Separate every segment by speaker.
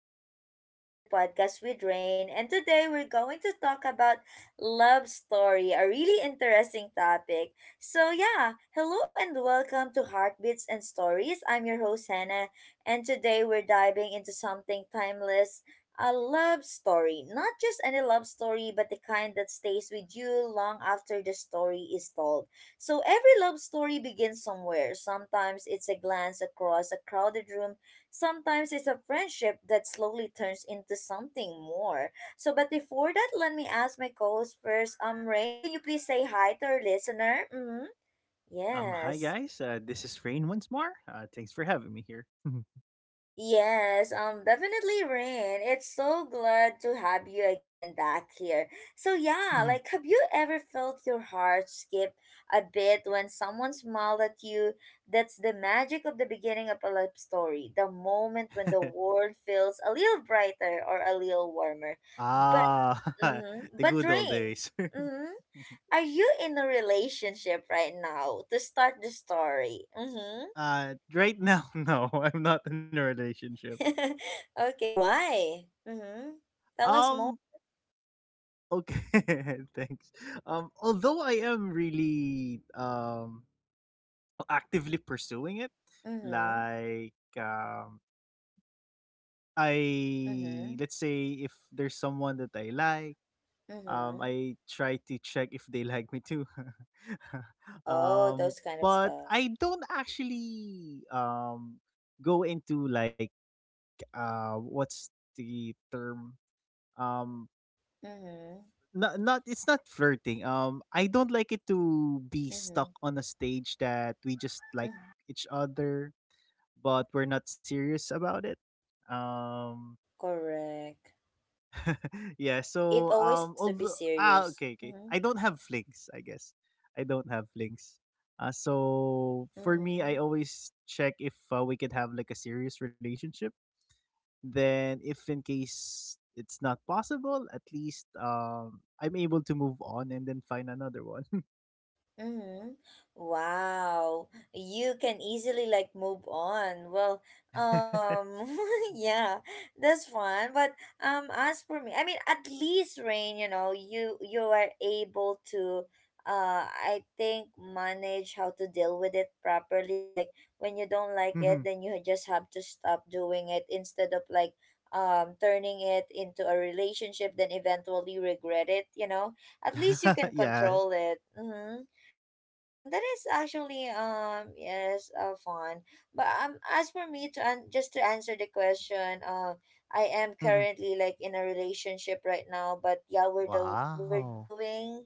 Speaker 1: welcome back to another podcast with Rain. And today we're going to talk about love story, a really interesting topic. So yeah, hello and welcome to Heartbeats and Stories. I'm your host Hannah, and today we're diving into something timeless, a love story. Not just any love story, but the kind that stays with you long after the story is told. So every love story begins somewhere. Sometimes it's a glance across a crowded room. Sometimes it's a friendship that slowly turns into something more. But before that, let me ask my co-host first. Rain, can you please say hi to our listener? Mm-hmm.
Speaker 2: Hi
Speaker 1: Yes.
Speaker 2: guys. This is Rain once more. Thanks for having me here. Mhm.
Speaker 1: Yes, definitely, Rain. It's so glad to have you again back here. So yeah,
Speaker 2: Mhm.
Speaker 1: have you ever felt your heart skip a bit when someone smiled at you? That's the magic of the beginning of a love story. The moment when the world feels a little brighter or a little warmer. But,
Speaker 2: ah,
Speaker 1: mm-hmm,
Speaker 2: the
Speaker 1: but
Speaker 2: good old
Speaker 1: Rain,
Speaker 2: days.
Speaker 1: mm-hmm, are you in a relationship right now to start the story? Mm-hmm.
Speaker 2: Right now, no, I'm not in a relationship.
Speaker 1: Okay, why? Mm-hmm. Tell us
Speaker 2: Um,
Speaker 1: more.
Speaker 2: okay, thanks. Although I am really actively pursuing it,
Speaker 1: Mm-hmm.
Speaker 2: like um, I
Speaker 1: Mm-hmm.
Speaker 2: let's say if there's someone that I like.
Speaker 1: Mm-hmm.
Speaker 2: I try to check if they like me too.
Speaker 1: Oh,
Speaker 2: um,
Speaker 1: those kind of
Speaker 2: but
Speaker 1: stuffs.
Speaker 2: I don't actually go into like what's the term um
Speaker 1: Mm-hmm.
Speaker 2: not it's not flirting, I don't like it to be stuck
Speaker 1: Mm-hmm.
Speaker 2: on a stage that we just like
Speaker 1: Hmm.
Speaker 2: each other, but we're not serious about it. um
Speaker 1: Correct.
Speaker 2: yeah,
Speaker 1: It
Speaker 2: so
Speaker 1: always has to be
Speaker 2: although
Speaker 1: serious.
Speaker 2: okay, okay,
Speaker 1: Mm-hmm.
Speaker 2: I don't have flings, I guess. I don't have flings. So for me, I
Speaker 1: Mm-hmm.
Speaker 2: always check if we could have like a serious relationship. Then if in case it's not possible, at least I'm able to move on and then find another one.
Speaker 1: Mm-hmm. Wow. You can easily like move on. Well, um yeah, that's fun. But as for me, I mean at least Rain, you know, you are able to I think manage how to deal with it properly. Like when you don't like it,
Speaker 2: Mhm.
Speaker 1: then you just have to stop doing it instead of like turning it into a relationship then eventually regret it, you know? At least you can
Speaker 2: Yes.
Speaker 1: control it. Mm-hmm. That is actually yes, fun. But as for me to just to answer the question, I am
Speaker 2: Mhm.
Speaker 1: currently like in a relationship right now. But yeah, we're
Speaker 2: Wow.
Speaker 1: doing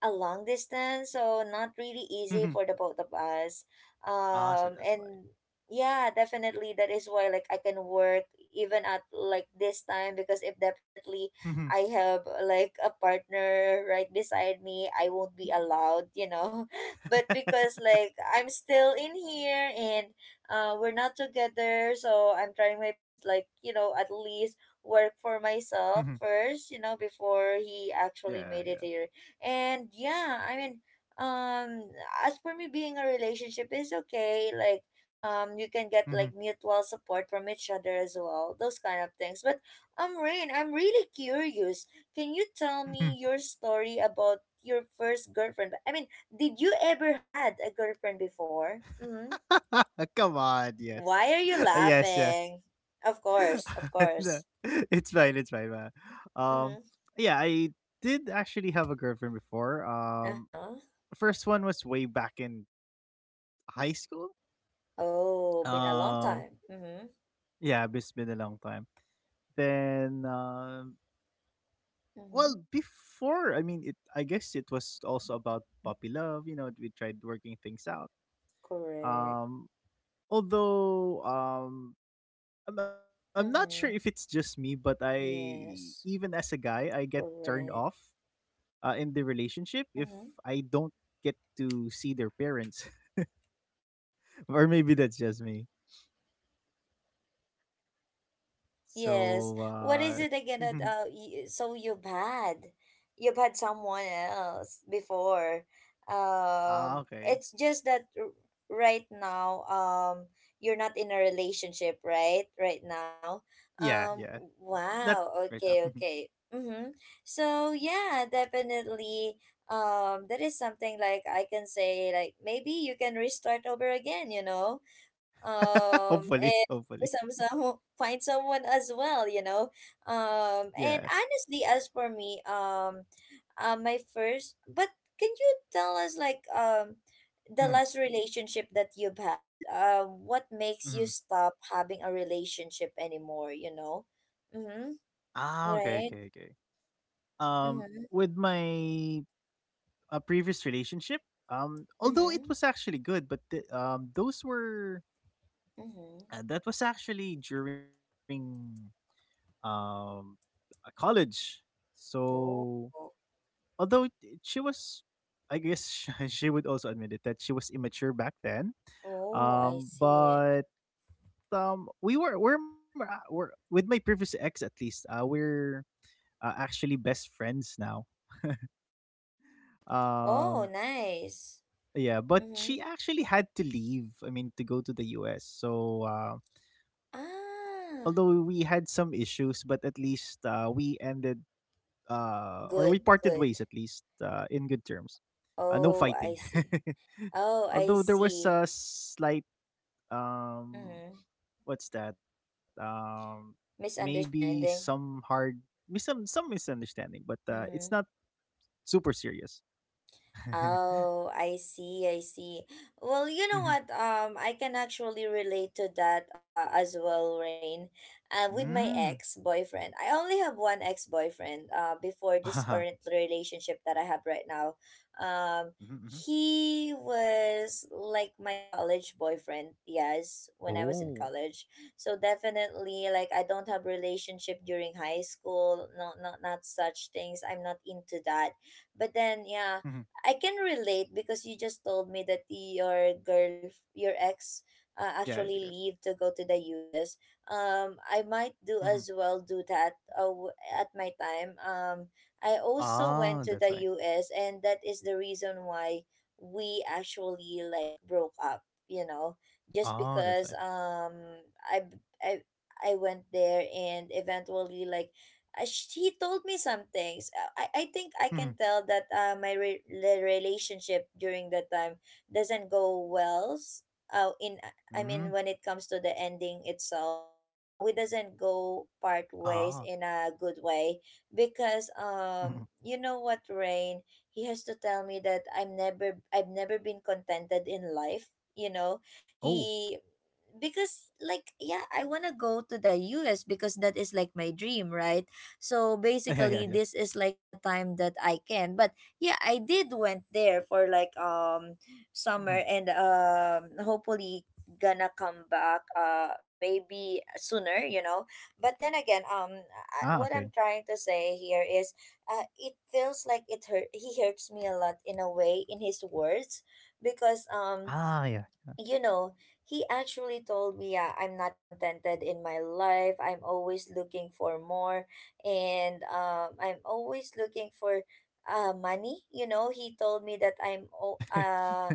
Speaker 1: a long distance, so not really easy
Speaker 2: Mhm.
Speaker 1: for the both of us.
Speaker 2: Ah, so that's why.
Speaker 1: And yeah, definitely that is why like I can work even at like this time because if definitely
Speaker 2: Mhm.
Speaker 1: I have like a partner right beside me, I won't be allowed, you know, but because like I'm still in here and we're not together, so I'm trying my best like, you know, at least work for
Speaker 2: Mhm.
Speaker 1: myself first, you know, before he actually
Speaker 2: Yeah,
Speaker 1: made
Speaker 2: yeah.
Speaker 1: it here. And yeah, I mean, um as for me being a relationship is okay, like you can get like
Speaker 2: Mhm.
Speaker 1: mutual support from each other as well, those kind of things. But Rain, I'm really curious. Can you tell me your story about your first girlfriend? I mean, did you ever had a girlfriend before? Mm-hmm.
Speaker 2: Come on, yes.
Speaker 1: Why are you
Speaker 2: Yes, yeah.
Speaker 1: laughing? Of course, of
Speaker 2: No,
Speaker 1: course.
Speaker 2: it's fine, man. Um
Speaker 1: Mm-hmm.
Speaker 2: yeah, I did actually have a girlfriend before.
Speaker 1: Uh-huh.
Speaker 2: First one was way back in high school.
Speaker 1: Oh, been a long
Speaker 2: Um
Speaker 1: time. Mm-hmm.
Speaker 2: yeah, it's been a long time. Then Well,
Speaker 1: Mm-hmm.
Speaker 2: before, I mean, it I guess it was also about puppy love, you know, we tried working things out.
Speaker 1: Correct.
Speaker 2: Um although I'm not sure
Speaker 1: Mm-hmm.
Speaker 2: if it's just me, but I
Speaker 1: Yes.
Speaker 2: even as a guy, I get turned
Speaker 1: Correct.
Speaker 2: off in the relationship if
Speaker 1: Mm-hmm.
Speaker 2: I don't get to see their parents, or maybe that's just me. So,
Speaker 1: Yes. What is it again that so you've had? You've had someone else before.
Speaker 2: ah, okay,
Speaker 1: It's just that right now you're not in a relationship, right? Right now.
Speaker 2: yeah, yeah,
Speaker 1: Um
Speaker 2: not right now.
Speaker 1: wow. Okay, okay. Mhm. So yeah, definitely that is something like I can say like maybe you can restart over again, you know? Um
Speaker 2: Hopefully, hopefully,
Speaker 1: some find someone as well, you know.
Speaker 2: yeah.
Speaker 1: And honestly as for me, my first, but can you tell us like the
Speaker 2: Mhm,
Speaker 1: last relationship that you've had, what makes you
Speaker 2: mhm.
Speaker 1: stop having a relationship anymore, you know? Mm-hmm.
Speaker 2: Ah, okay, okay,
Speaker 1: Right.
Speaker 2: okay.
Speaker 1: Mm-hmm.
Speaker 2: With my previous relationship, although it
Speaker 1: Mm-hmm.
Speaker 2: was actually good, but the, those were.
Speaker 1: Mm-hmm.
Speaker 2: That was actually during um college. So
Speaker 1: Oh.
Speaker 2: although she was, I guess she would also admit it that she was immature back then.
Speaker 1: Oh, I see.
Speaker 2: But we were we're, ma- we're with my previous ex, at least. We're actually best friends now.
Speaker 1: Mm-hmm. Oh,
Speaker 2: Um,
Speaker 1: nice.
Speaker 2: yeah, but
Speaker 1: Mm-hmm.
Speaker 2: she actually had to leave. I mean, to go to the U.S. So
Speaker 1: Ah.
Speaker 2: although we had some issues, but at least we ended
Speaker 1: Good,
Speaker 2: or we
Speaker 1: good.
Speaker 2: parted ways, at least in good terms.
Speaker 1: Oh, I
Speaker 2: No
Speaker 1: see.
Speaker 2: fighting.
Speaker 1: Oh, I
Speaker 2: Although
Speaker 1: see.
Speaker 2: there was a slight
Speaker 1: Mm-hmm.
Speaker 2: um, what's that? Maybe
Speaker 1: Misunderstanding.
Speaker 2: some hard, some misunderstanding, but
Speaker 1: Mm-hmm.
Speaker 2: it's not super serious.
Speaker 1: Oh, I see, I see. Well, you know what?
Speaker 2: Mhm.
Speaker 1: I can actually relate to that as well, Rain. With my
Speaker 2: Mm.
Speaker 1: ex-boyfriend. I only have one ex-boyfriend before this current
Speaker 2: Ah.
Speaker 1: relationship that I have right now. Um,
Speaker 2: Mhm, mhm.
Speaker 1: he was like my college boyfriend, yes, when I was in college.
Speaker 2: Oh.
Speaker 1: So definitely like I don't have relationship during high school, no, not such things. I'm not into that, but then yeah, I
Speaker 2: Mhm.
Speaker 1: can relate because you just told me that your girl, your ex, actually leave to
Speaker 2: Yeah, I
Speaker 1: go to
Speaker 2: digress.
Speaker 1: the U.S. I might do
Speaker 2: Mhm.
Speaker 1: as well do that at my time. I also went to the
Speaker 2: Ah, that's why.
Speaker 1: U.S. and that is the reason why we actually like broke up. You know, just because
Speaker 2: Ah, that's why.
Speaker 1: I I I went there and eventually like she told me some things. I think I can tell
Speaker 2: Mhm.
Speaker 1: that the relationship during that time doesn't go well. S- in I mean, when it comes
Speaker 2: Mm.
Speaker 1: to the ending itself, we doesn't go part
Speaker 2: Ah.
Speaker 1: ways in a good way because
Speaker 2: Mhm, mhm.
Speaker 1: you know what, Rain, he has to tell me that I've never been contented in life. You know, he
Speaker 2: Oh.
Speaker 1: because like yeah, I want to go to the US because that is like my dream, right? So basically,
Speaker 2: Yeah,
Speaker 1: this
Speaker 2: yeah, yeah.
Speaker 1: is like the time that I can. But yeah, I did went there for like summer and
Speaker 2: Mhm.
Speaker 1: hopefully gonna come back maybe sooner, you know. But then again,
Speaker 2: Ah, okay.
Speaker 1: what I'm trying to say here is it feels like it hurt he hurts me a lot in a way in his words because
Speaker 2: Ah, yeah.
Speaker 1: you know, he actually told me, yeah, I'm not contented in my life. I'm always looking for more. And I'm always looking for money. You know, he told me that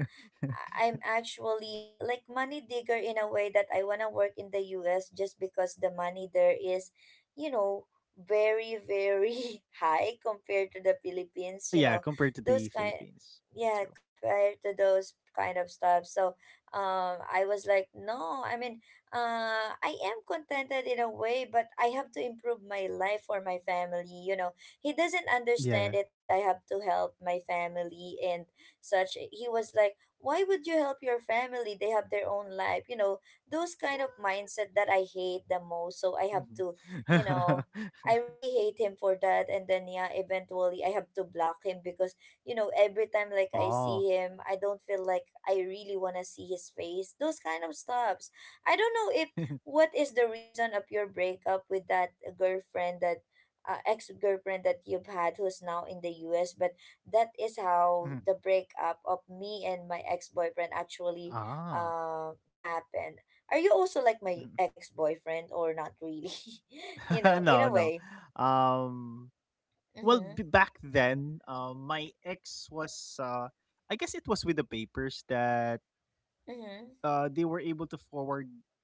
Speaker 1: am actually like money digger in a way that I want to work in the US just because the money there is, you know, very high compared to the Philippines, you know.
Speaker 2: Yeah, compared to
Speaker 1: Those
Speaker 2: the
Speaker 1: kind
Speaker 2: Philippines.
Speaker 1: Yeah,
Speaker 2: That's true.
Speaker 1: compared to those kind of stuff. So, I was like, no, I mean, I am contented in a way, but I have to improve my life for my family, you know. He doesn't understand it that I
Speaker 2: Yeah.
Speaker 1: have to help my family and such. He was like, why would you help your family? They have their own life. You know, those kind of mindset that I hate the most. So I have
Speaker 2: Mhm.
Speaker 1: to, you know, I really hate him for that. And then, yeah, eventually I have to block him because, you know, every time like I see
Speaker 2: Oh.
Speaker 1: him, I don't feel like I really want to see his face. Those kind of stuffs. I don't know if what is the reason of your breakup with that girlfriend that ex girlfriend that you've had who's now in the US, but that is how the
Speaker 2: Mhm.
Speaker 1: breakup of me and my ex-boyfriend actually
Speaker 2: Ah.
Speaker 1: happened. Are you also like my
Speaker 2: Mhm.
Speaker 1: ex-boyfriend or not really? You know, in a
Speaker 2: No, no.
Speaker 1: way.
Speaker 2: Um
Speaker 1: Mhm.
Speaker 2: well, back then, my ex was uh I guess it was with the papers that
Speaker 1: Mhm.
Speaker 2: they were able to forward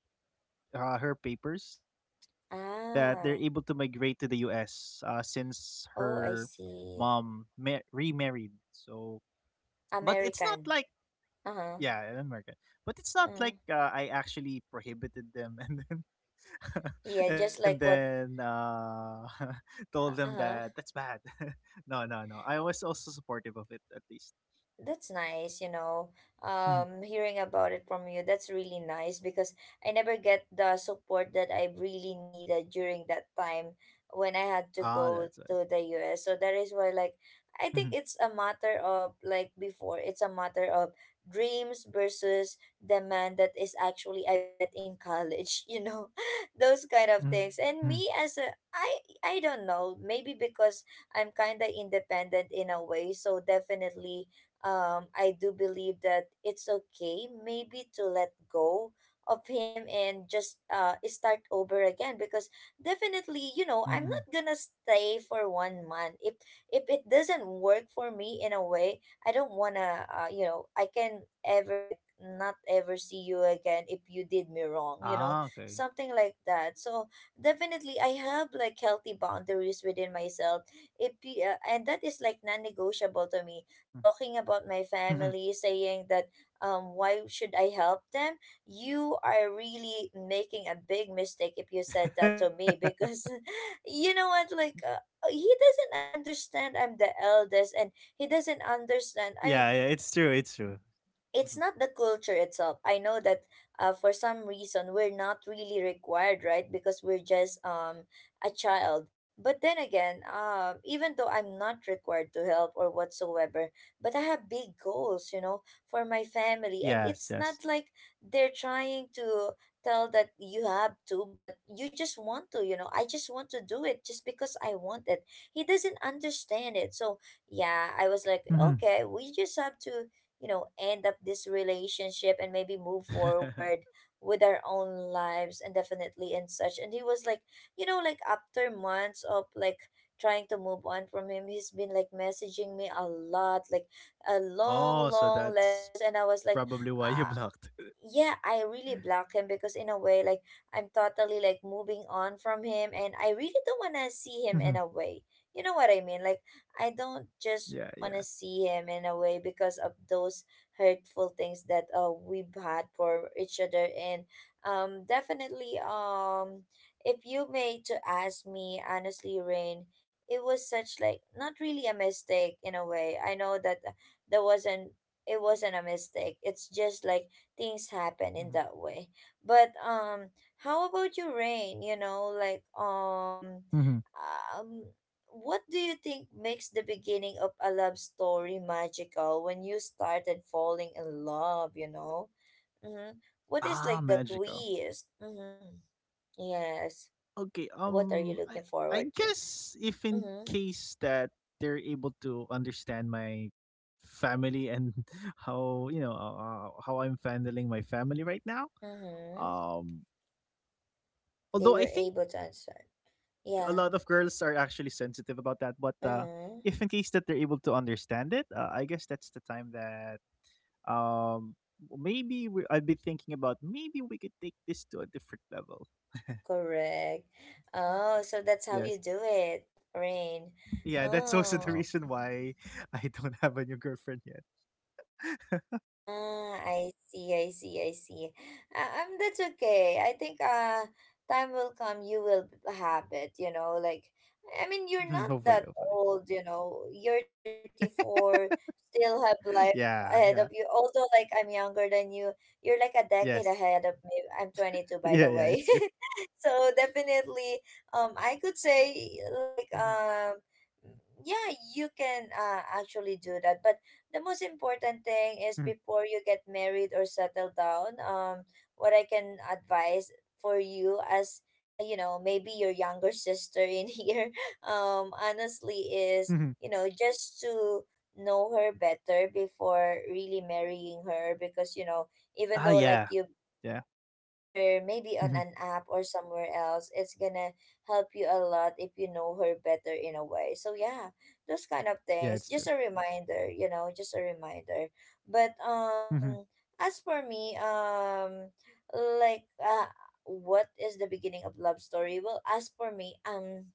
Speaker 2: her papers, that they're
Speaker 1: Ah.
Speaker 2: able to migrate to the U.S. Since
Speaker 1: Oh, I
Speaker 2: her
Speaker 1: see.
Speaker 2: mom remarried. So, but it's
Speaker 1: American.
Speaker 2: not like,
Speaker 1: Uh-huh.
Speaker 2: yeah, in America. But
Speaker 1: Uh-huh.
Speaker 2: it's not like I actually prohibited them and then
Speaker 1: Yeah, just like
Speaker 2: and
Speaker 1: what.
Speaker 2: then told
Speaker 1: Uh-huh.
Speaker 2: them that that's bad. No, no, no. I was also supportive of it, at least.
Speaker 1: That's nice, you know.
Speaker 2: Mhm.
Speaker 1: Hearing about it from you, that's really nice because I never get the support that I really needed during that time when I had to
Speaker 2: Ah,
Speaker 1: go
Speaker 2: that's why.
Speaker 1: to the US. So that is why, like, I think
Speaker 2: Mhm,
Speaker 1: it's a matter of, like, before, it's a matter of dreams versus the man that is actually I met in college, you know, those kind of things. And
Speaker 2: mhm,
Speaker 1: me as I don't know, maybe because I'm kind of independent in a way. So definitely I do believe that it's okay maybe to let go of him and just start over again because definitely you
Speaker 2: mm,
Speaker 1: know I'm
Speaker 2: mm.
Speaker 1: not gonna stay for 1 month if it doesn't work for me in a way. I don't wanna, you know, I can ever like not ever see you again if you did me wrong, you know,
Speaker 2: Ah, okay.
Speaker 1: something like that. So definitely I have like healthy boundaries within myself. If you, And that is like non-negotiable to me,
Speaker 2: Mm,
Speaker 1: talking about my
Speaker 2: mhm.
Speaker 1: family, saying that why should I help them? You are really making a big mistake if you said that to me because you know what, like, he doesn't understand I'm the eldest and he doesn't understand. I
Speaker 2: Yeah,
Speaker 1: mean,
Speaker 2: yeah, it's true. It's true.
Speaker 1: it's
Speaker 2: Mhm.
Speaker 1: not the culture itself. I know that for some reason we're not really required, right? Because we're just a child. But then again, even though I'm not required to help or whatsoever, but I have big goals, you know, for my family, and
Speaker 2: Yes,
Speaker 1: it's
Speaker 2: yes.
Speaker 1: not like they're trying to tell that you have to, but you just want to, you know. I just want to do it just because I want it. He doesn't understand it, so yeah, I was like,
Speaker 2: Mhm.
Speaker 1: okay, we just have to end up this relationship and maybe move forward with our own lives and definitely and such. And he was like, you know, like after months of like trying to move on from him, he's been like messaging me a lot, like a
Speaker 2: Oh,
Speaker 1: long
Speaker 2: so
Speaker 1: long
Speaker 2: that's
Speaker 1: letters, and I was like,
Speaker 2: probably why you blocked.
Speaker 1: yeah, I really block him because in a way, like I'm totally like moving on from him and I really don't want to
Speaker 2: Mhm.
Speaker 1: see him in a way, you know what I mean? Like I don't
Speaker 2: Yeah,
Speaker 1: just
Speaker 2: yeah.
Speaker 1: want to see him in a way because of those hurtful things that we've had for each other. And definitely if you may to ask me honestly, Rain, it was such like not really a mistake in a way. I know that there wasn't it wasn't a mistake. It's just like things happen
Speaker 2: Mhm.
Speaker 1: in that way. But how about you, Rain? You know, like
Speaker 2: Mhm.
Speaker 1: um, what do you think makes the beginning of a love story magical when you started falling in love? You know, mm-hmm. What is
Speaker 2: Ah,
Speaker 1: like the
Speaker 2: magical.
Speaker 1: twist? Mm-hmm. Yes.
Speaker 2: Okay, I
Speaker 1: What are you
Speaker 2: I
Speaker 1: looking forward to?
Speaker 2: guess if in
Speaker 1: Mm-hmm.
Speaker 2: case that they're able to understand my family and how, you know, how I'm handling my family right now.
Speaker 1: Mm-hmm.
Speaker 2: Um
Speaker 1: They
Speaker 2: although I
Speaker 1: were
Speaker 2: think
Speaker 1: able
Speaker 2: a
Speaker 1: to
Speaker 2: lot of
Speaker 1: answer.
Speaker 2: girls are actually
Speaker 1: Yeah.
Speaker 2: sensitive about that, but if in case
Speaker 1: Mm-hmm.
Speaker 2: that they're able to understand it, I guess that's the time that um maybe I'd be thinking about maybe we could take this to a different level.
Speaker 1: Correct.
Speaker 2: Uh,
Speaker 1: Oh, so
Speaker 2: yes.
Speaker 1: that's how you do it, Rain.
Speaker 2: Yeah, that's also the
Speaker 1: Oh,
Speaker 2: reason why I don't have a new girlfriend yet.
Speaker 1: ah, I see, I see, I see. That's okay. I think time will come. You will have it. You know, like I mean, you're
Speaker 2: Mhm,
Speaker 1: not
Speaker 2: hopefully,
Speaker 1: that
Speaker 2: hopefully.
Speaker 1: old. You know, you're 34. Still have life ahead of
Speaker 2: Yeah,
Speaker 1: you.
Speaker 2: yeah.
Speaker 1: Although, like I'm younger than you, you're like a decade ahead
Speaker 2: Yes.
Speaker 1: of me. I'm 22, by the
Speaker 2: Yeah,
Speaker 1: way.
Speaker 2: yeah, it's true.
Speaker 1: So definitely, I could say
Speaker 2: Mhm,
Speaker 1: like Yeah, you can actually do that, but the most important thing
Speaker 2: mhm,
Speaker 1: is before you get married or settle down, what I can advise for you as you know, maybe your younger sister in here, honestly,
Speaker 2: mhm.
Speaker 1: is, you know, just to know her better before really marrying her, because you know, even
Speaker 2: Ah,
Speaker 1: though like
Speaker 2: yeah, yeah.
Speaker 1: you met her maybe on
Speaker 2: Hmm.
Speaker 1: an app or somewhere else, it's gonna help you a lot if you know her better in a way. So yeah, those kind of
Speaker 2: Yeah,
Speaker 1: things,
Speaker 2: it's
Speaker 1: just
Speaker 2: true.
Speaker 1: a reminder, you know, just a reminder. But
Speaker 2: Hmm.
Speaker 1: as for me, like what is the beginning of love story? Well, as for me,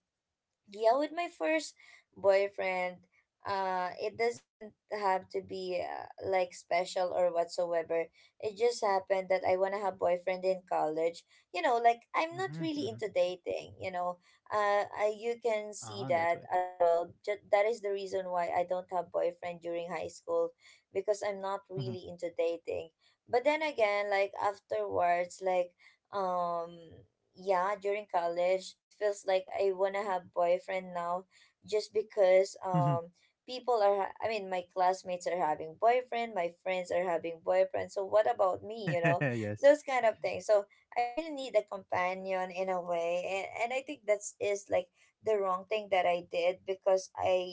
Speaker 1: yeah, with my first boyfriend, it doesn't have to be like special or whatsoever. It just happened that I want to have boyfriend in college, you know, like I'm not really
Speaker 2: Hmm.
Speaker 1: into
Speaker 2: Hmm.
Speaker 1: dating, you know, you can
Speaker 2: Ah,
Speaker 1: see
Speaker 2: that's why.
Speaker 1: that as well, that is the reason why I don't have boyfriend during high school, because I'm not
Speaker 2: Hmm.
Speaker 1: really into dating. But then again, like afterwards, like um yeah, during college, it feels like I want to have boyfriend now, just because
Speaker 2: Hmm.
Speaker 1: I mean, my classmates are having boyfriend, my friends are having boyfriend, so what about me, you know?
Speaker 2: Yes.
Speaker 1: Those kind of things. So I really need a companion in a way, and I think that's is like the wrong thing that I did, because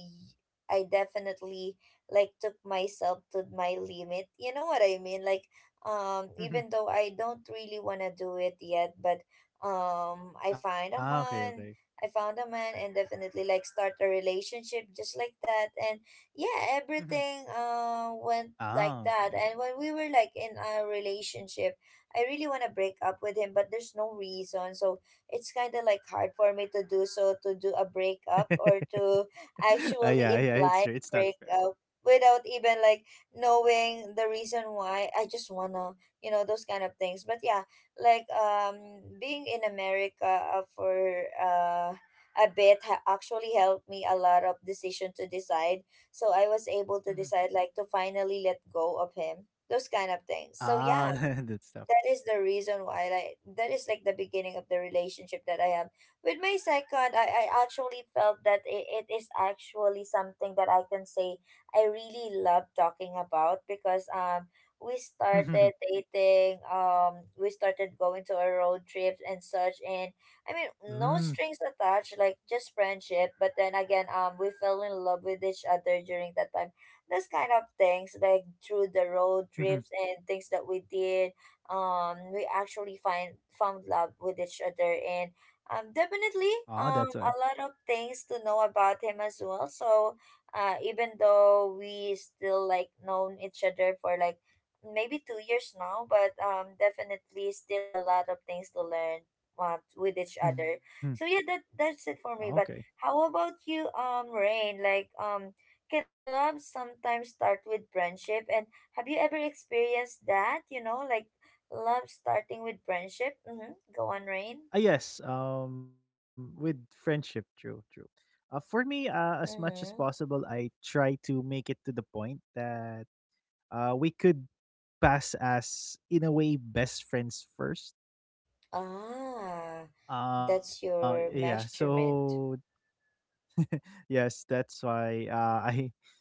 Speaker 1: I definitely like took myself to my limit, you know what I mean? Like even
Speaker 2: Hmm.
Speaker 1: though I don't really want to do it yet, but um i find
Speaker 2: Ah,
Speaker 1: a
Speaker 2: okay, okay.
Speaker 1: man I found a man, and definitely like start a relationship just like that. And yeah,
Speaker 2: Hmm.
Speaker 1: everything went like
Speaker 2: Ah,
Speaker 1: that.
Speaker 2: okay,
Speaker 1: And
Speaker 2: okay.
Speaker 1: when we were like in a relationship, I really want to break up with him, but there's no reason. So it's kind of like hard for me to do so, to do a breakup or to
Speaker 2: Ah, yeah,
Speaker 1: actually
Speaker 2: yeah, it's true,
Speaker 1: imply
Speaker 2: it's
Speaker 1: a
Speaker 2: not fair.
Speaker 1: breakup without even like knowing the reason why. I just wanna, you know, those kind of things. But yeah, like being in America for a bit actually helped me a lot of decision to decide. So I was able to
Speaker 2: Mhm.
Speaker 1: decide like to finally let go of him. Those kind of things. So yeah,
Speaker 2: Ah, that's tough.
Speaker 1: that is the reason why, like that is like the beginning of the relationship that I have with my second. I actually felt that it is actually something that I can say I really love talking about, because we
Speaker 2: Mhm.
Speaker 1: started dating. We started going to our road trips and such. And I mean, no
Speaker 2: Mm.
Speaker 1: strings attached, like just friendship, but then again, we fell in love with each other during that time. This kind of things, like through the road
Speaker 2: Mhm.
Speaker 1: trips and things that we did, we actually find found love with each other. And definitely
Speaker 2: Oh, that's why.
Speaker 1: a lot of things to know about him as well. So even though we still like known each other for like maybe 2 years now, but definitely still a lot of things to learn with each
Speaker 2: Mhm.
Speaker 1: other. So yeah, that's
Speaker 2: Ah,
Speaker 1: it for
Speaker 2: okay.
Speaker 1: me. But how about you, Rain? Like can love sometimes start with friendship, and have you ever experienced that, you know, like love starting with friendship? Mm-hmm. Go on, Rain.
Speaker 2: Ah, yes, with friendship, true, true. For me, as much as possible,
Speaker 1: Mm-hmm.
Speaker 2: I try to make it to the point that we could pass as, in a way, best friends first.
Speaker 1: Ah, that's your
Speaker 2: Yeah,
Speaker 1: measurement.
Speaker 2: so. Yes, that's why I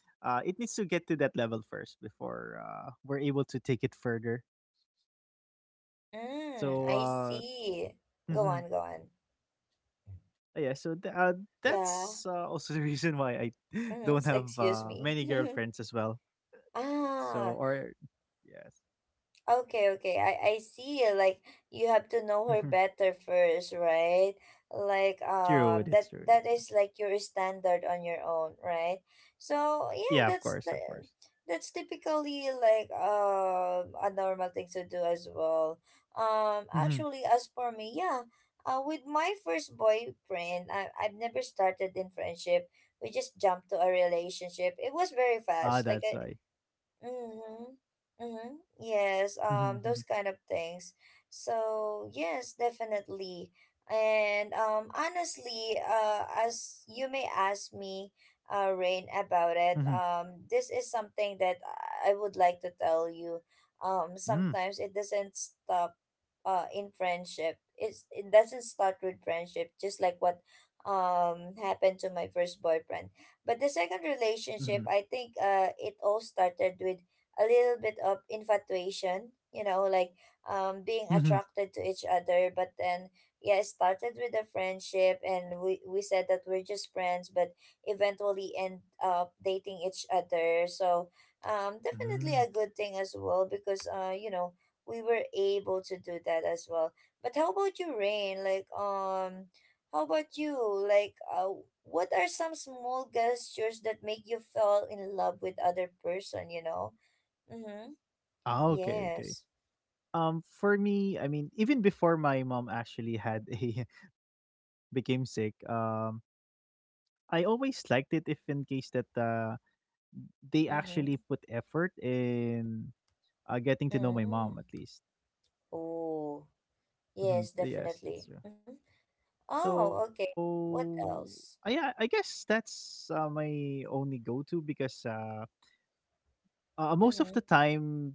Speaker 2: it needs to get to that level first before we're able to take it further.
Speaker 1: Mm, I
Speaker 2: So
Speaker 1: see. Go on, go on.
Speaker 2: mhm. Yeah, so
Speaker 1: Yeah.
Speaker 2: that's also the reason why I
Speaker 1: Mm-hmm.
Speaker 2: don't have
Speaker 1: Excuse me.
Speaker 2: many girlfriends as well.
Speaker 1: Ah,
Speaker 2: So or yes.
Speaker 1: okay, okay. I see. Like you have to know her better first, right? Like
Speaker 2: True, it's true, it's true.
Speaker 1: that is like your standard on your own, right? So
Speaker 2: Yeah,
Speaker 1: yeah,
Speaker 2: of course, of course.
Speaker 1: that's typically like a normal thing to do as well.
Speaker 2: Mhm.
Speaker 1: Actually, as for me, yeah, with my first boyfriend, I've never started in friendship. We just jumped to a relationship. It was very
Speaker 2: Ah,
Speaker 1: fast. Like
Speaker 2: that's why.
Speaker 1: mm-hmm. Mm-hmm. Yes, those
Speaker 2: Mhm,
Speaker 1: kind of things. So yes, definitely. And honestly, as you may ask me, Rain, about it,
Speaker 2: mhm,
Speaker 1: this is something that I would like to tell you.
Speaker 2: mhm,
Speaker 1: Sometimes it doesn't stop in friendship. It doesn't start with friendship, just like what happened to my first boyfriend. But the
Speaker 2: mhm,
Speaker 1: second
Speaker 2: mhm, mhm,
Speaker 1: relationship, I think it all started with a little bit of infatuation, you know, like
Speaker 2: mhm,
Speaker 1: being attracted to each other. But then, yeah, it started with a friendship, and we said that we're just friends, but eventually end up dating each other. So
Speaker 2: mhm.
Speaker 1: definitely a good thing as well because, you know, we were able to do that as well. But how about you, Rain? Like how about you? Like what are some small gestures that make you fall in love with other person, you know? Mm-hmm.
Speaker 2: Ah, okay, okay.
Speaker 1: Yes.
Speaker 2: For me, I mean, even before my mom actually had a became sick, I always liked it if in case that they actually put
Speaker 1: Mm-hmm.
Speaker 2: effort in getting to know my mom,
Speaker 1: Mm.
Speaker 2: at least.
Speaker 1: Oh.
Speaker 2: Mhm,
Speaker 1: Yes,
Speaker 2: yes, it's
Speaker 1: definitely.
Speaker 2: true.
Speaker 1: Mm-hmm. Oh, okay.
Speaker 2: So
Speaker 1: What
Speaker 2: I yeah,
Speaker 1: else?
Speaker 2: I guess that's my only go to because most of the
Speaker 1: Mm-hmm.
Speaker 2: time,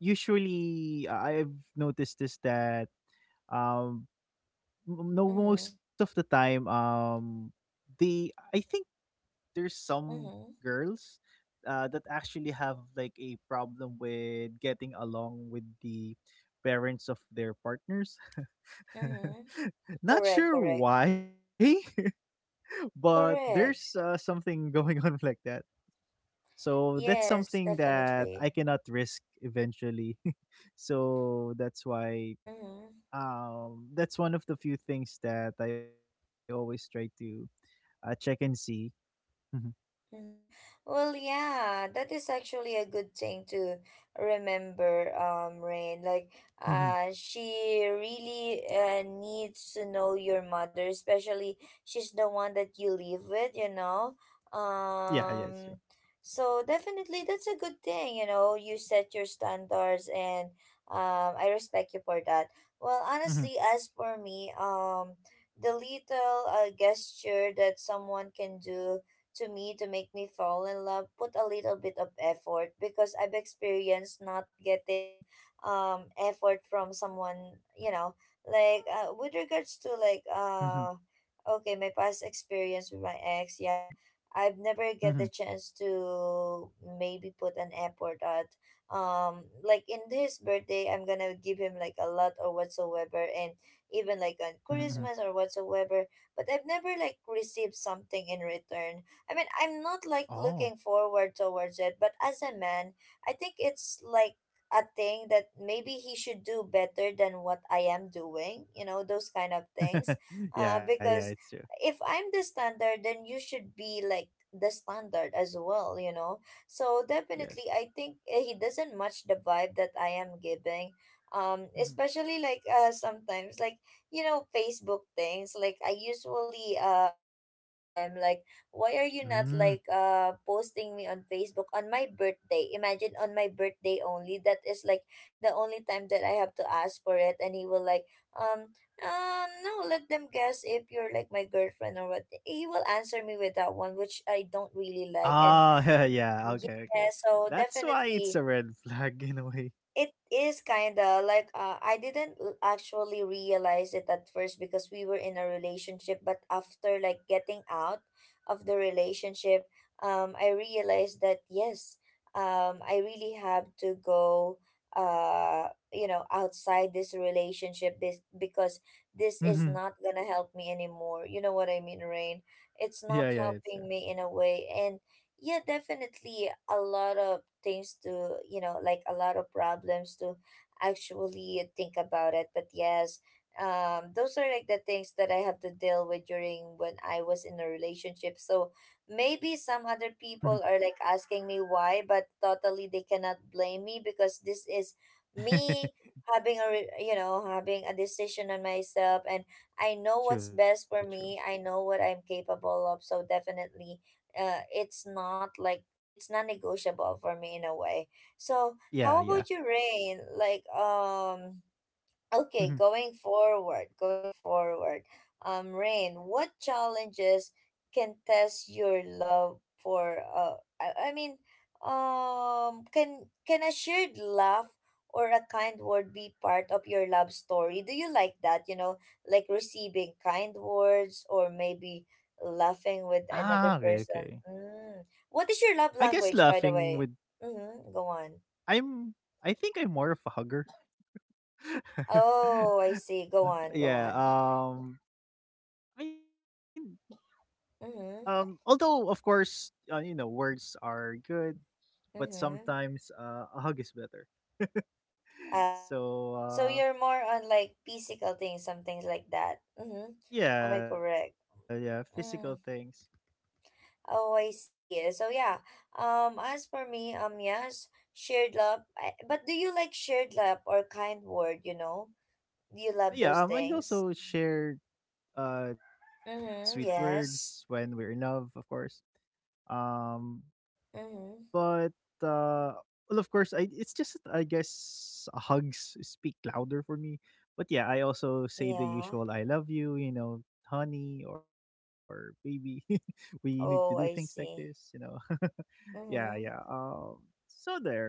Speaker 2: usually I've noticed this, that um m- no most
Speaker 1: Mm-hmm.
Speaker 2: of the time they, I think, there's some
Speaker 1: Mm-hmm.
Speaker 2: girls that actually have like a problem with getting along with the parents of their partners.
Speaker 1: Mm-hmm.
Speaker 2: Not
Speaker 1: Correct,
Speaker 2: sure
Speaker 1: correct,
Speaker 2: why. But there's
Speaker 1: correct.
Speaker 2: something going on like that, so that's
Speaker 1: Yes,
Speaker 2: something that I
Speaker 1: definitely.
Speaker 2: cannot risk eventually. So that's why
Speaker 1: Mm-hmm.
Speaker 2: that's one of the few things that I always try to check and see. Hmm.
Speaker 1: Mm-hmm. Well, yeah, that is actually a good thing to remember, Rain. Like
Speaker 2: Hmm.
Speaker 1: she really needs to know your mother, especially she's the one that you live with, you know.
Speaker 2: Yeah, yeah, it's true.
Speaker 1: Um, so definitely, that's a good thing, you know. You set your standards, and I respect you for that. Well,
Speaker 2: Hmm.
Speaker 1: honestly, as for me, the little gesture that someone can do to me to make me fall in love, put a little bit of effort, because I've experienced not getting effort from someone, you know, like with regards to like
Speaker 2: Hmm.
Speaker 1: okay, my past experience with my ex, yeah. I've
Speaker 2: Hmm.
Speaker 1: never get the chance to maybe put an effort at like in his birthday, I'm gonna give him like a lot or whatsoever, and even like on
Speaker 2: Hmm. Hmm.
Speaker 1: Christmas or whatsoever, but I've never like received something in return. I mean, I'm not
Speaker 2: Oh,
Speaker 1: like looking forward towards it, but as a man, I think it's like a thing that maybe he should do better than what I am doing, you know, those kind of things.
Speaker 2: yeah, yeah, it's true.
Speaker 1: Because if I'm the standard, then you should be like the standard as well, you know. So
Speaker 2: Yes.
Speaker 1: definitely, I think he doesn't match the vibe that I am giving.
Speaker 2: Hmm.
Speaker 1: Especially like sometimes, like you know, Facebook things, like I usually open it to him like, why are you
Speaker 2: Mm.
Speaker 1: not like posting me on Facebook on my birthday? Imagine on my birthday only. That is like the only time that I have to ask for it, and he will like um no, let them guess if you're like my girlfriend or what. He will answer me with that one, which I don't really like. And
Speaker 2: Ah, yeah. Okay, okay.
Speaker 1: yeah, so
Speaker 2: That's why it's a
Speaker 1: definitely,
Speaker 2: red flag in a way.
Speaker 1: it is kinda like I didn't actually realize it at first because we were in a relationship, but after like getting out of the relationship, I realized that yes, I really have to go, you know, outside this relationship, this because this
Speaker 2: Hmm.
Speaker 1: is not gonna help me anymore. You know what I mean, Rain?
Speaker 2: Yeah,
Speaker 1: It's
Speaker 2: yeah, it's
Speaker 1: not
Speaker 2: true.
Speaker 1: helping me in a way, and yeah, definitely a lot of things to, you know, like a lot of problems to actually think about it. But yes, those are like the things that I have to deal with during when I was in a relationship. So maybe
Speaker 2: Hmm.
Speaker 1: some other people are like asking me why, but totally they cannot blame me because this is me having a, having a decision on myself, and I know what's
Speaker 2: True, true.
Speaker 1: best for me. I know what I'm capable of. So definitely it's not like it's non-negotiable for me in a way. So
Speaker 2: Yeah,
Speaker 1: how
Speaker 2: yeah.
Speaker 1: about you, Rain? Like, okay,
Speaker 2: Hmm.
Speaker 1: going forward. Rain, what challenges can test your love for uh, I mean, can a shared laugh or a kind word be part of your love story? Do you like that, you know, like receiving kind words or maybe laughing
Speaker 2: Ah,
Speaker 1: with
Speaker 2: okay,
Speaker 1: another
Speaker 2: okay.
Speaker 1: person? Mm. What
Speaker 2: I
Speaker 1: is your
Speaker 2: guess
Speaker 1: love language,
Speaker 2: laughing
Speaker 1: by the
Speaker 2: with.
Speaker 1: way? Mm-hmm. Go on.
Speaker 2: I'm I think I'm more of a hugger.
Speaker 1: Oh, I see. Go on, go
Speaker 2: Yeah.
Speaker 1: on.
Speaker 2: I mean.
Speaker 1: Mm-hmm.
Speaker 2: Although of course, you know, words are good, but
Speaker 1: Mm-hmm.
Speaker 2: sometimes a hug is better.
Speaker 1: Uh,
Speaker 2: So
Speaker 1: so you're more on like physical things, some things like that. Mm-hmm. Am I
Speaker 2: yeah, yeah,
Speaker 1: correct?
Speaker 2: physical things.
Speaker 1: Mm. Oh, I see. So yeah. As for me, yes, shared love. But do you like shared love or kind word? You know, you love
Speaker 2: Yeah,
Speaker 1: those
Speaker 2: I also
Speaker 1: things.
Speaker 2: share sweet
Speaker 1: Mm-hmm.
Speaker 2: words when we're in
Speaker 1: Yes.
Speaker 2: love, of course. Um,
Speaker 1: Mm-hmm.
Speaker 2: But, uh, well, of course, I it's just that I guess hugs speak louder for me. But yeah, I also say the
Speaker 1: Yeah.
Speaker 2: usual "I love you," you know, "honey" or "baby." We need to do things
Speaker 1: Oh,
Speaker 2: like
Speaker 1: I
Speaker 2: this, you
Speaker 1: see.
Speaker 2: know. Yeah, yeah.
Speaker 1: Mm-hmm.
Speaker 2: So there.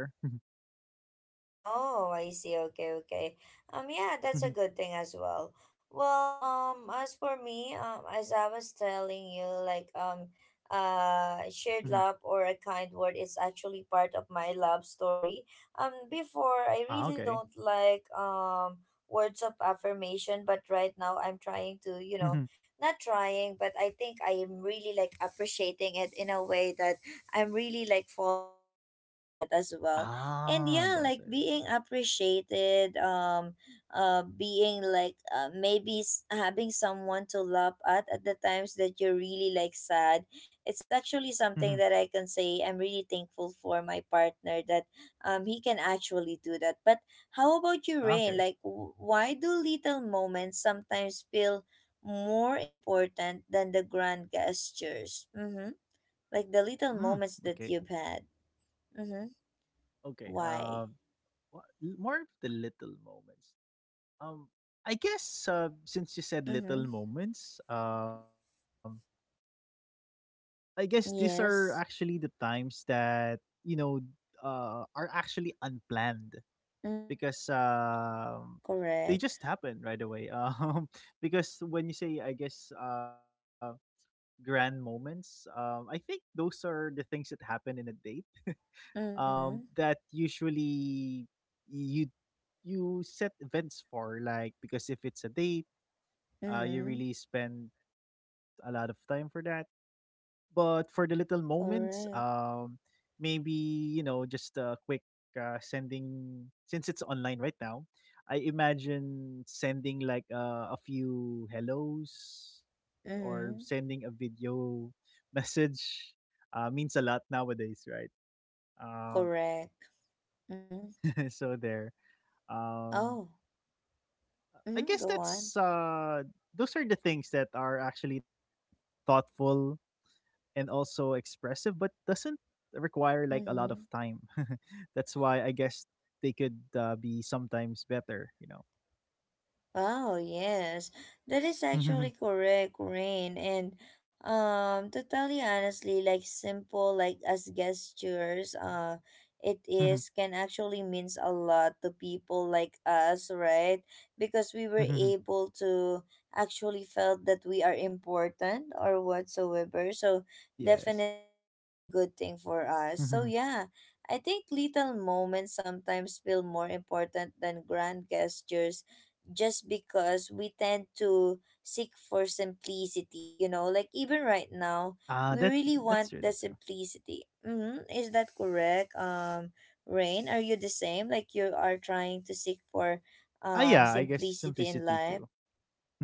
Speaker 1: Oh, I see. Okay, okay. Yeah,
Speaker 2: Mhm,
Speaker 1: that's
Speaker 2: mhm,
Speaker 1: a good thing as well. Well, as for me, as I was telling you, like,
Speaker 2: mhm.
Speaker 1: shared love or a kind word is actually part of my love story. Before,
Speaker 2: Ah,
Speaker 1: I
Speaker 2: okay.
Speaker 1: really don't like words of affirmation, but right now I'm trying to, you know,
Speaker 2: Mhm.
Speaker 1: not trying, but I think I am really like appreciating it in a way that I'm really like falling in love with it as well. And
Speaker 2: Ah,
Speaker 1: yeah,
Speaker 2: that's why.
Speaker 1: like
Speaker 2: That's why.
Speaker 1: being appreciated, being like maybe having someone to laugh at the times that you're really like sad, it's actually
Speaker 2: Mhm.
Speaker 1: something that I can say I'm really thankful for my partner, that he can actually do that. But how about
Speaker 2: Ah,
Speaker 1: you,
Speaker 2: okay.
Speaker 1: Rain? Like why do little moments sometimes feel more important than the grand gestures? Mm-hmm. Like the
Speaker 2: Mm,
Speaker 1: little
Speaker 2: okay.
Speaker 1: moments that you've had. Mm-hmm.
Speaker 2: Okay.
Speaker 1: Why?
Speaker 2: What more of the little moments? Um, I guess since you said little
Speaker 1: Mm-hmm.
Speaker 2: moments, I guess these are actually the
Speaker 1: Yes.
Speaker 2: times that you know are actually unplanned because
Speaker 1: Mm-hmm.
Speaker 2: they just
Speaker 1: Correct.
Speaker 2: happen right away. Because when you say, I guess, grand moments, I think those are the things that happen in a date.
Speaker 1: Mm-hmm.
Speaker 2: That usually you you set events for, like, because if it's a date. You
Speaker 1: Mm-hmm.
Speaker 2: really spend a lot of time for that. But for the little moments,
Speaker 1: Correct.
Speaker 2: maybe, you know, just a quick sending, since it's online right now. I imagine sending like a few hellos or sending a
Speaker 1: Mm-hmm.
Speaker 2: video message means a lot nowadays, right? Um,
Speaker 1: Correct. Mm-hmm.
Speaker 2: so there. Um,
Speaker 1: Oh.
Speaker 2: I
Speaker 1: Mm-hmm.
Speaker 2: guess
Speaker 1: Go on.
Speaker 2: that's those are the things that are actually thoughtful and also expressive, but doesn't require like a lot of
Speaker 1: Mm-hmm.
Speaker 2: time. That's why I guess they could be sometimes better, you know.
Speaker 1: Oh yes, that is actually correct, Rain. And to tell you honestly, like simple, like as gestures, it
Speaker 2: Mhm,
Speaker 1: is can actually means a lot to people like us, right? Because we were
Speaker 2: mhm.
Speaker 1: able to actually felt that we are important or whatsoever. So
Speaker 2: Yes.
Speaker 1: definitely like a good thing for
Speaker 2: Mhm.
Speaker 1: us. So yeah, I think little moments sometimes feel more important than grand gestures just because we tend to seek for simplicity, you know, like even right now,
Speaker 2: Ah, that,
Speaker 1: we really
Speaker 2: that's true.
Speaker 1: want
Speaker 2: That's
Speaker 1: the
Speaker 2: true.
Speaker 1: simplicity. Mm-hmm. Is that correct? Rain, are you the same? Like you are trying to seek for
Speaker 2: Ah, yeah. I guess
Speaker 1: simplicity in
Speaker 2: simplicity
Speaker 1: life?
Speaker 2: too.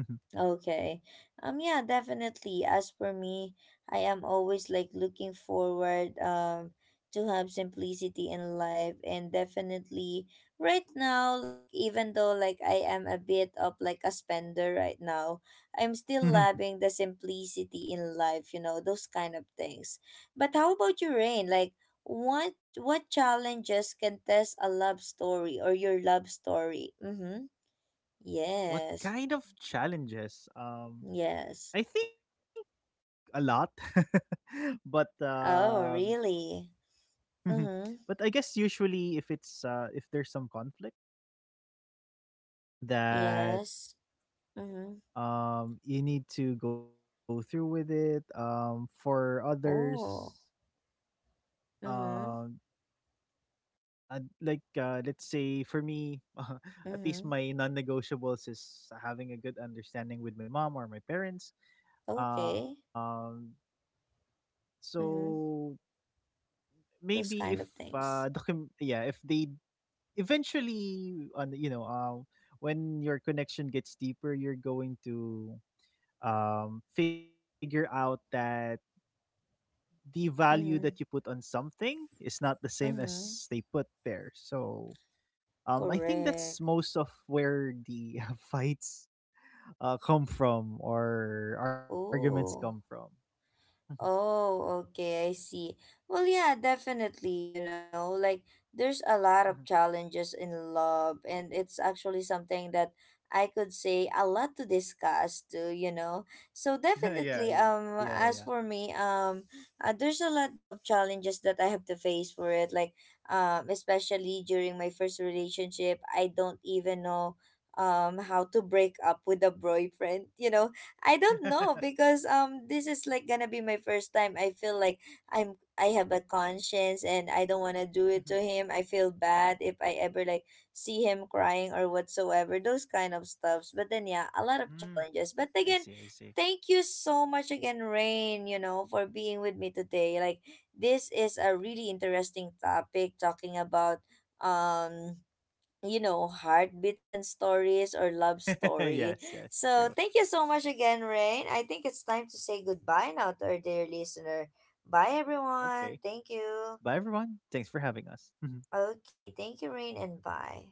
Speaker 2: Mhm,
Speaker 1: Okay. Yeah, definitely. As for me, I am always like looking forward to have simplicity in life, and definitely right now, like even though like I am a bit of like a spender right now, I'm still
Speaker 2: mhm.
Speaker 1: loving the simplicity in life, you know, those kind of things. But how about you, Rain? Like what challenges can test a love story or your love story? Mm-hmm.
Speaker 2: What
Speaker 1: Yes.
Speaker 2: kind of challenges?
Speaker 1: Yes.
Speaker 2: I think a lot, but
Speaker 1: Oh, really?
Speaker 2: mhm. But
Speaker 1: Mm-hmm.
Speaker 2: I guess usually if it's if there's some conflict that
Speaker 1: Yes. Mm-hmm.
Speaker 2: you need to go through with it, for others,
Speaker 1: Oh.
Speaker 2: um
Speaker 1: Mm-hmm.
Speaker 2: I'd like let's say for me, at least,
Speaker 1: Mm-hmm.
Speaker 2: my non-negotiables is having a good understanding with my mom or my parents.
Speaker 1: Okay.
Speaker 2: um
Speaker 1: Mm-hmm.
Speaker 2: so maybe
Speaker 1: Those
Speaker 2: if
Speaker 1: kind of things.
Speaker 2: yeah, if they eventually on, you know, when your connection gets deeper, you're going to figure out that the value that you put
Speaker 1: Mm-hmm.
Speaker 2: on something is not the same as
Speaker 1: Mm-hmm.
Speaker 2: they put there. So I think that's
Speaker 1: Correct.
Speaker 2: most of where the fights come from, or arguments come from.
Speaker 1: Oh.
Speaker 2: Mhm,
Speaker 1: Oh, okay, I see. Well, yeah, definitely, you know, like there's a lot of
Speaker 2: mhm.
Speaker 1: challenges in love, and it's actually something that I could say a lot to discuss too, you know. So
Speaker 2: Yeah,
Speaker 1: definitely,
Speaker 2: yeah, yeah.
Speaker 1: as for me, there's a lot of challenges that I have to face for it, like, especially during my first relationship, I don't even know how to break up with a boyfriend you know, I don't know because this is like gonna be my first time. I feel like I have a conscience and I don't wanna do
Speaker 2: Mhm.
Speaker 1: it to him. I feel bad if I ever like see him crying or whatsoever, those kind of stuffs. But then yeah, a lot of
Speaker 2: Mm,
Speaker 1: challenges. But
Speaker 2: I
Speaker 1: again,
Speaker 2: see, I see.
Speaker 1: thank you so much again, Rain, you know, for being with me today. Like this is a really interesting topic talking about um you know, heartbeats and stories or love story.
Speaker 2: Yes, yes, true.
Speaker 1: So thank you so much again, Rain. I think it's time to say goodbye now to our dear listener. Bye
Speaker 2: Okay.
Speaker 1: everyone. Thank
Speaker 2: Bye,
Speaker 1: you.
Speaker 2: everyone. Thanks for having us.
Speaker 1: Okay, thank you, Rain, and bye.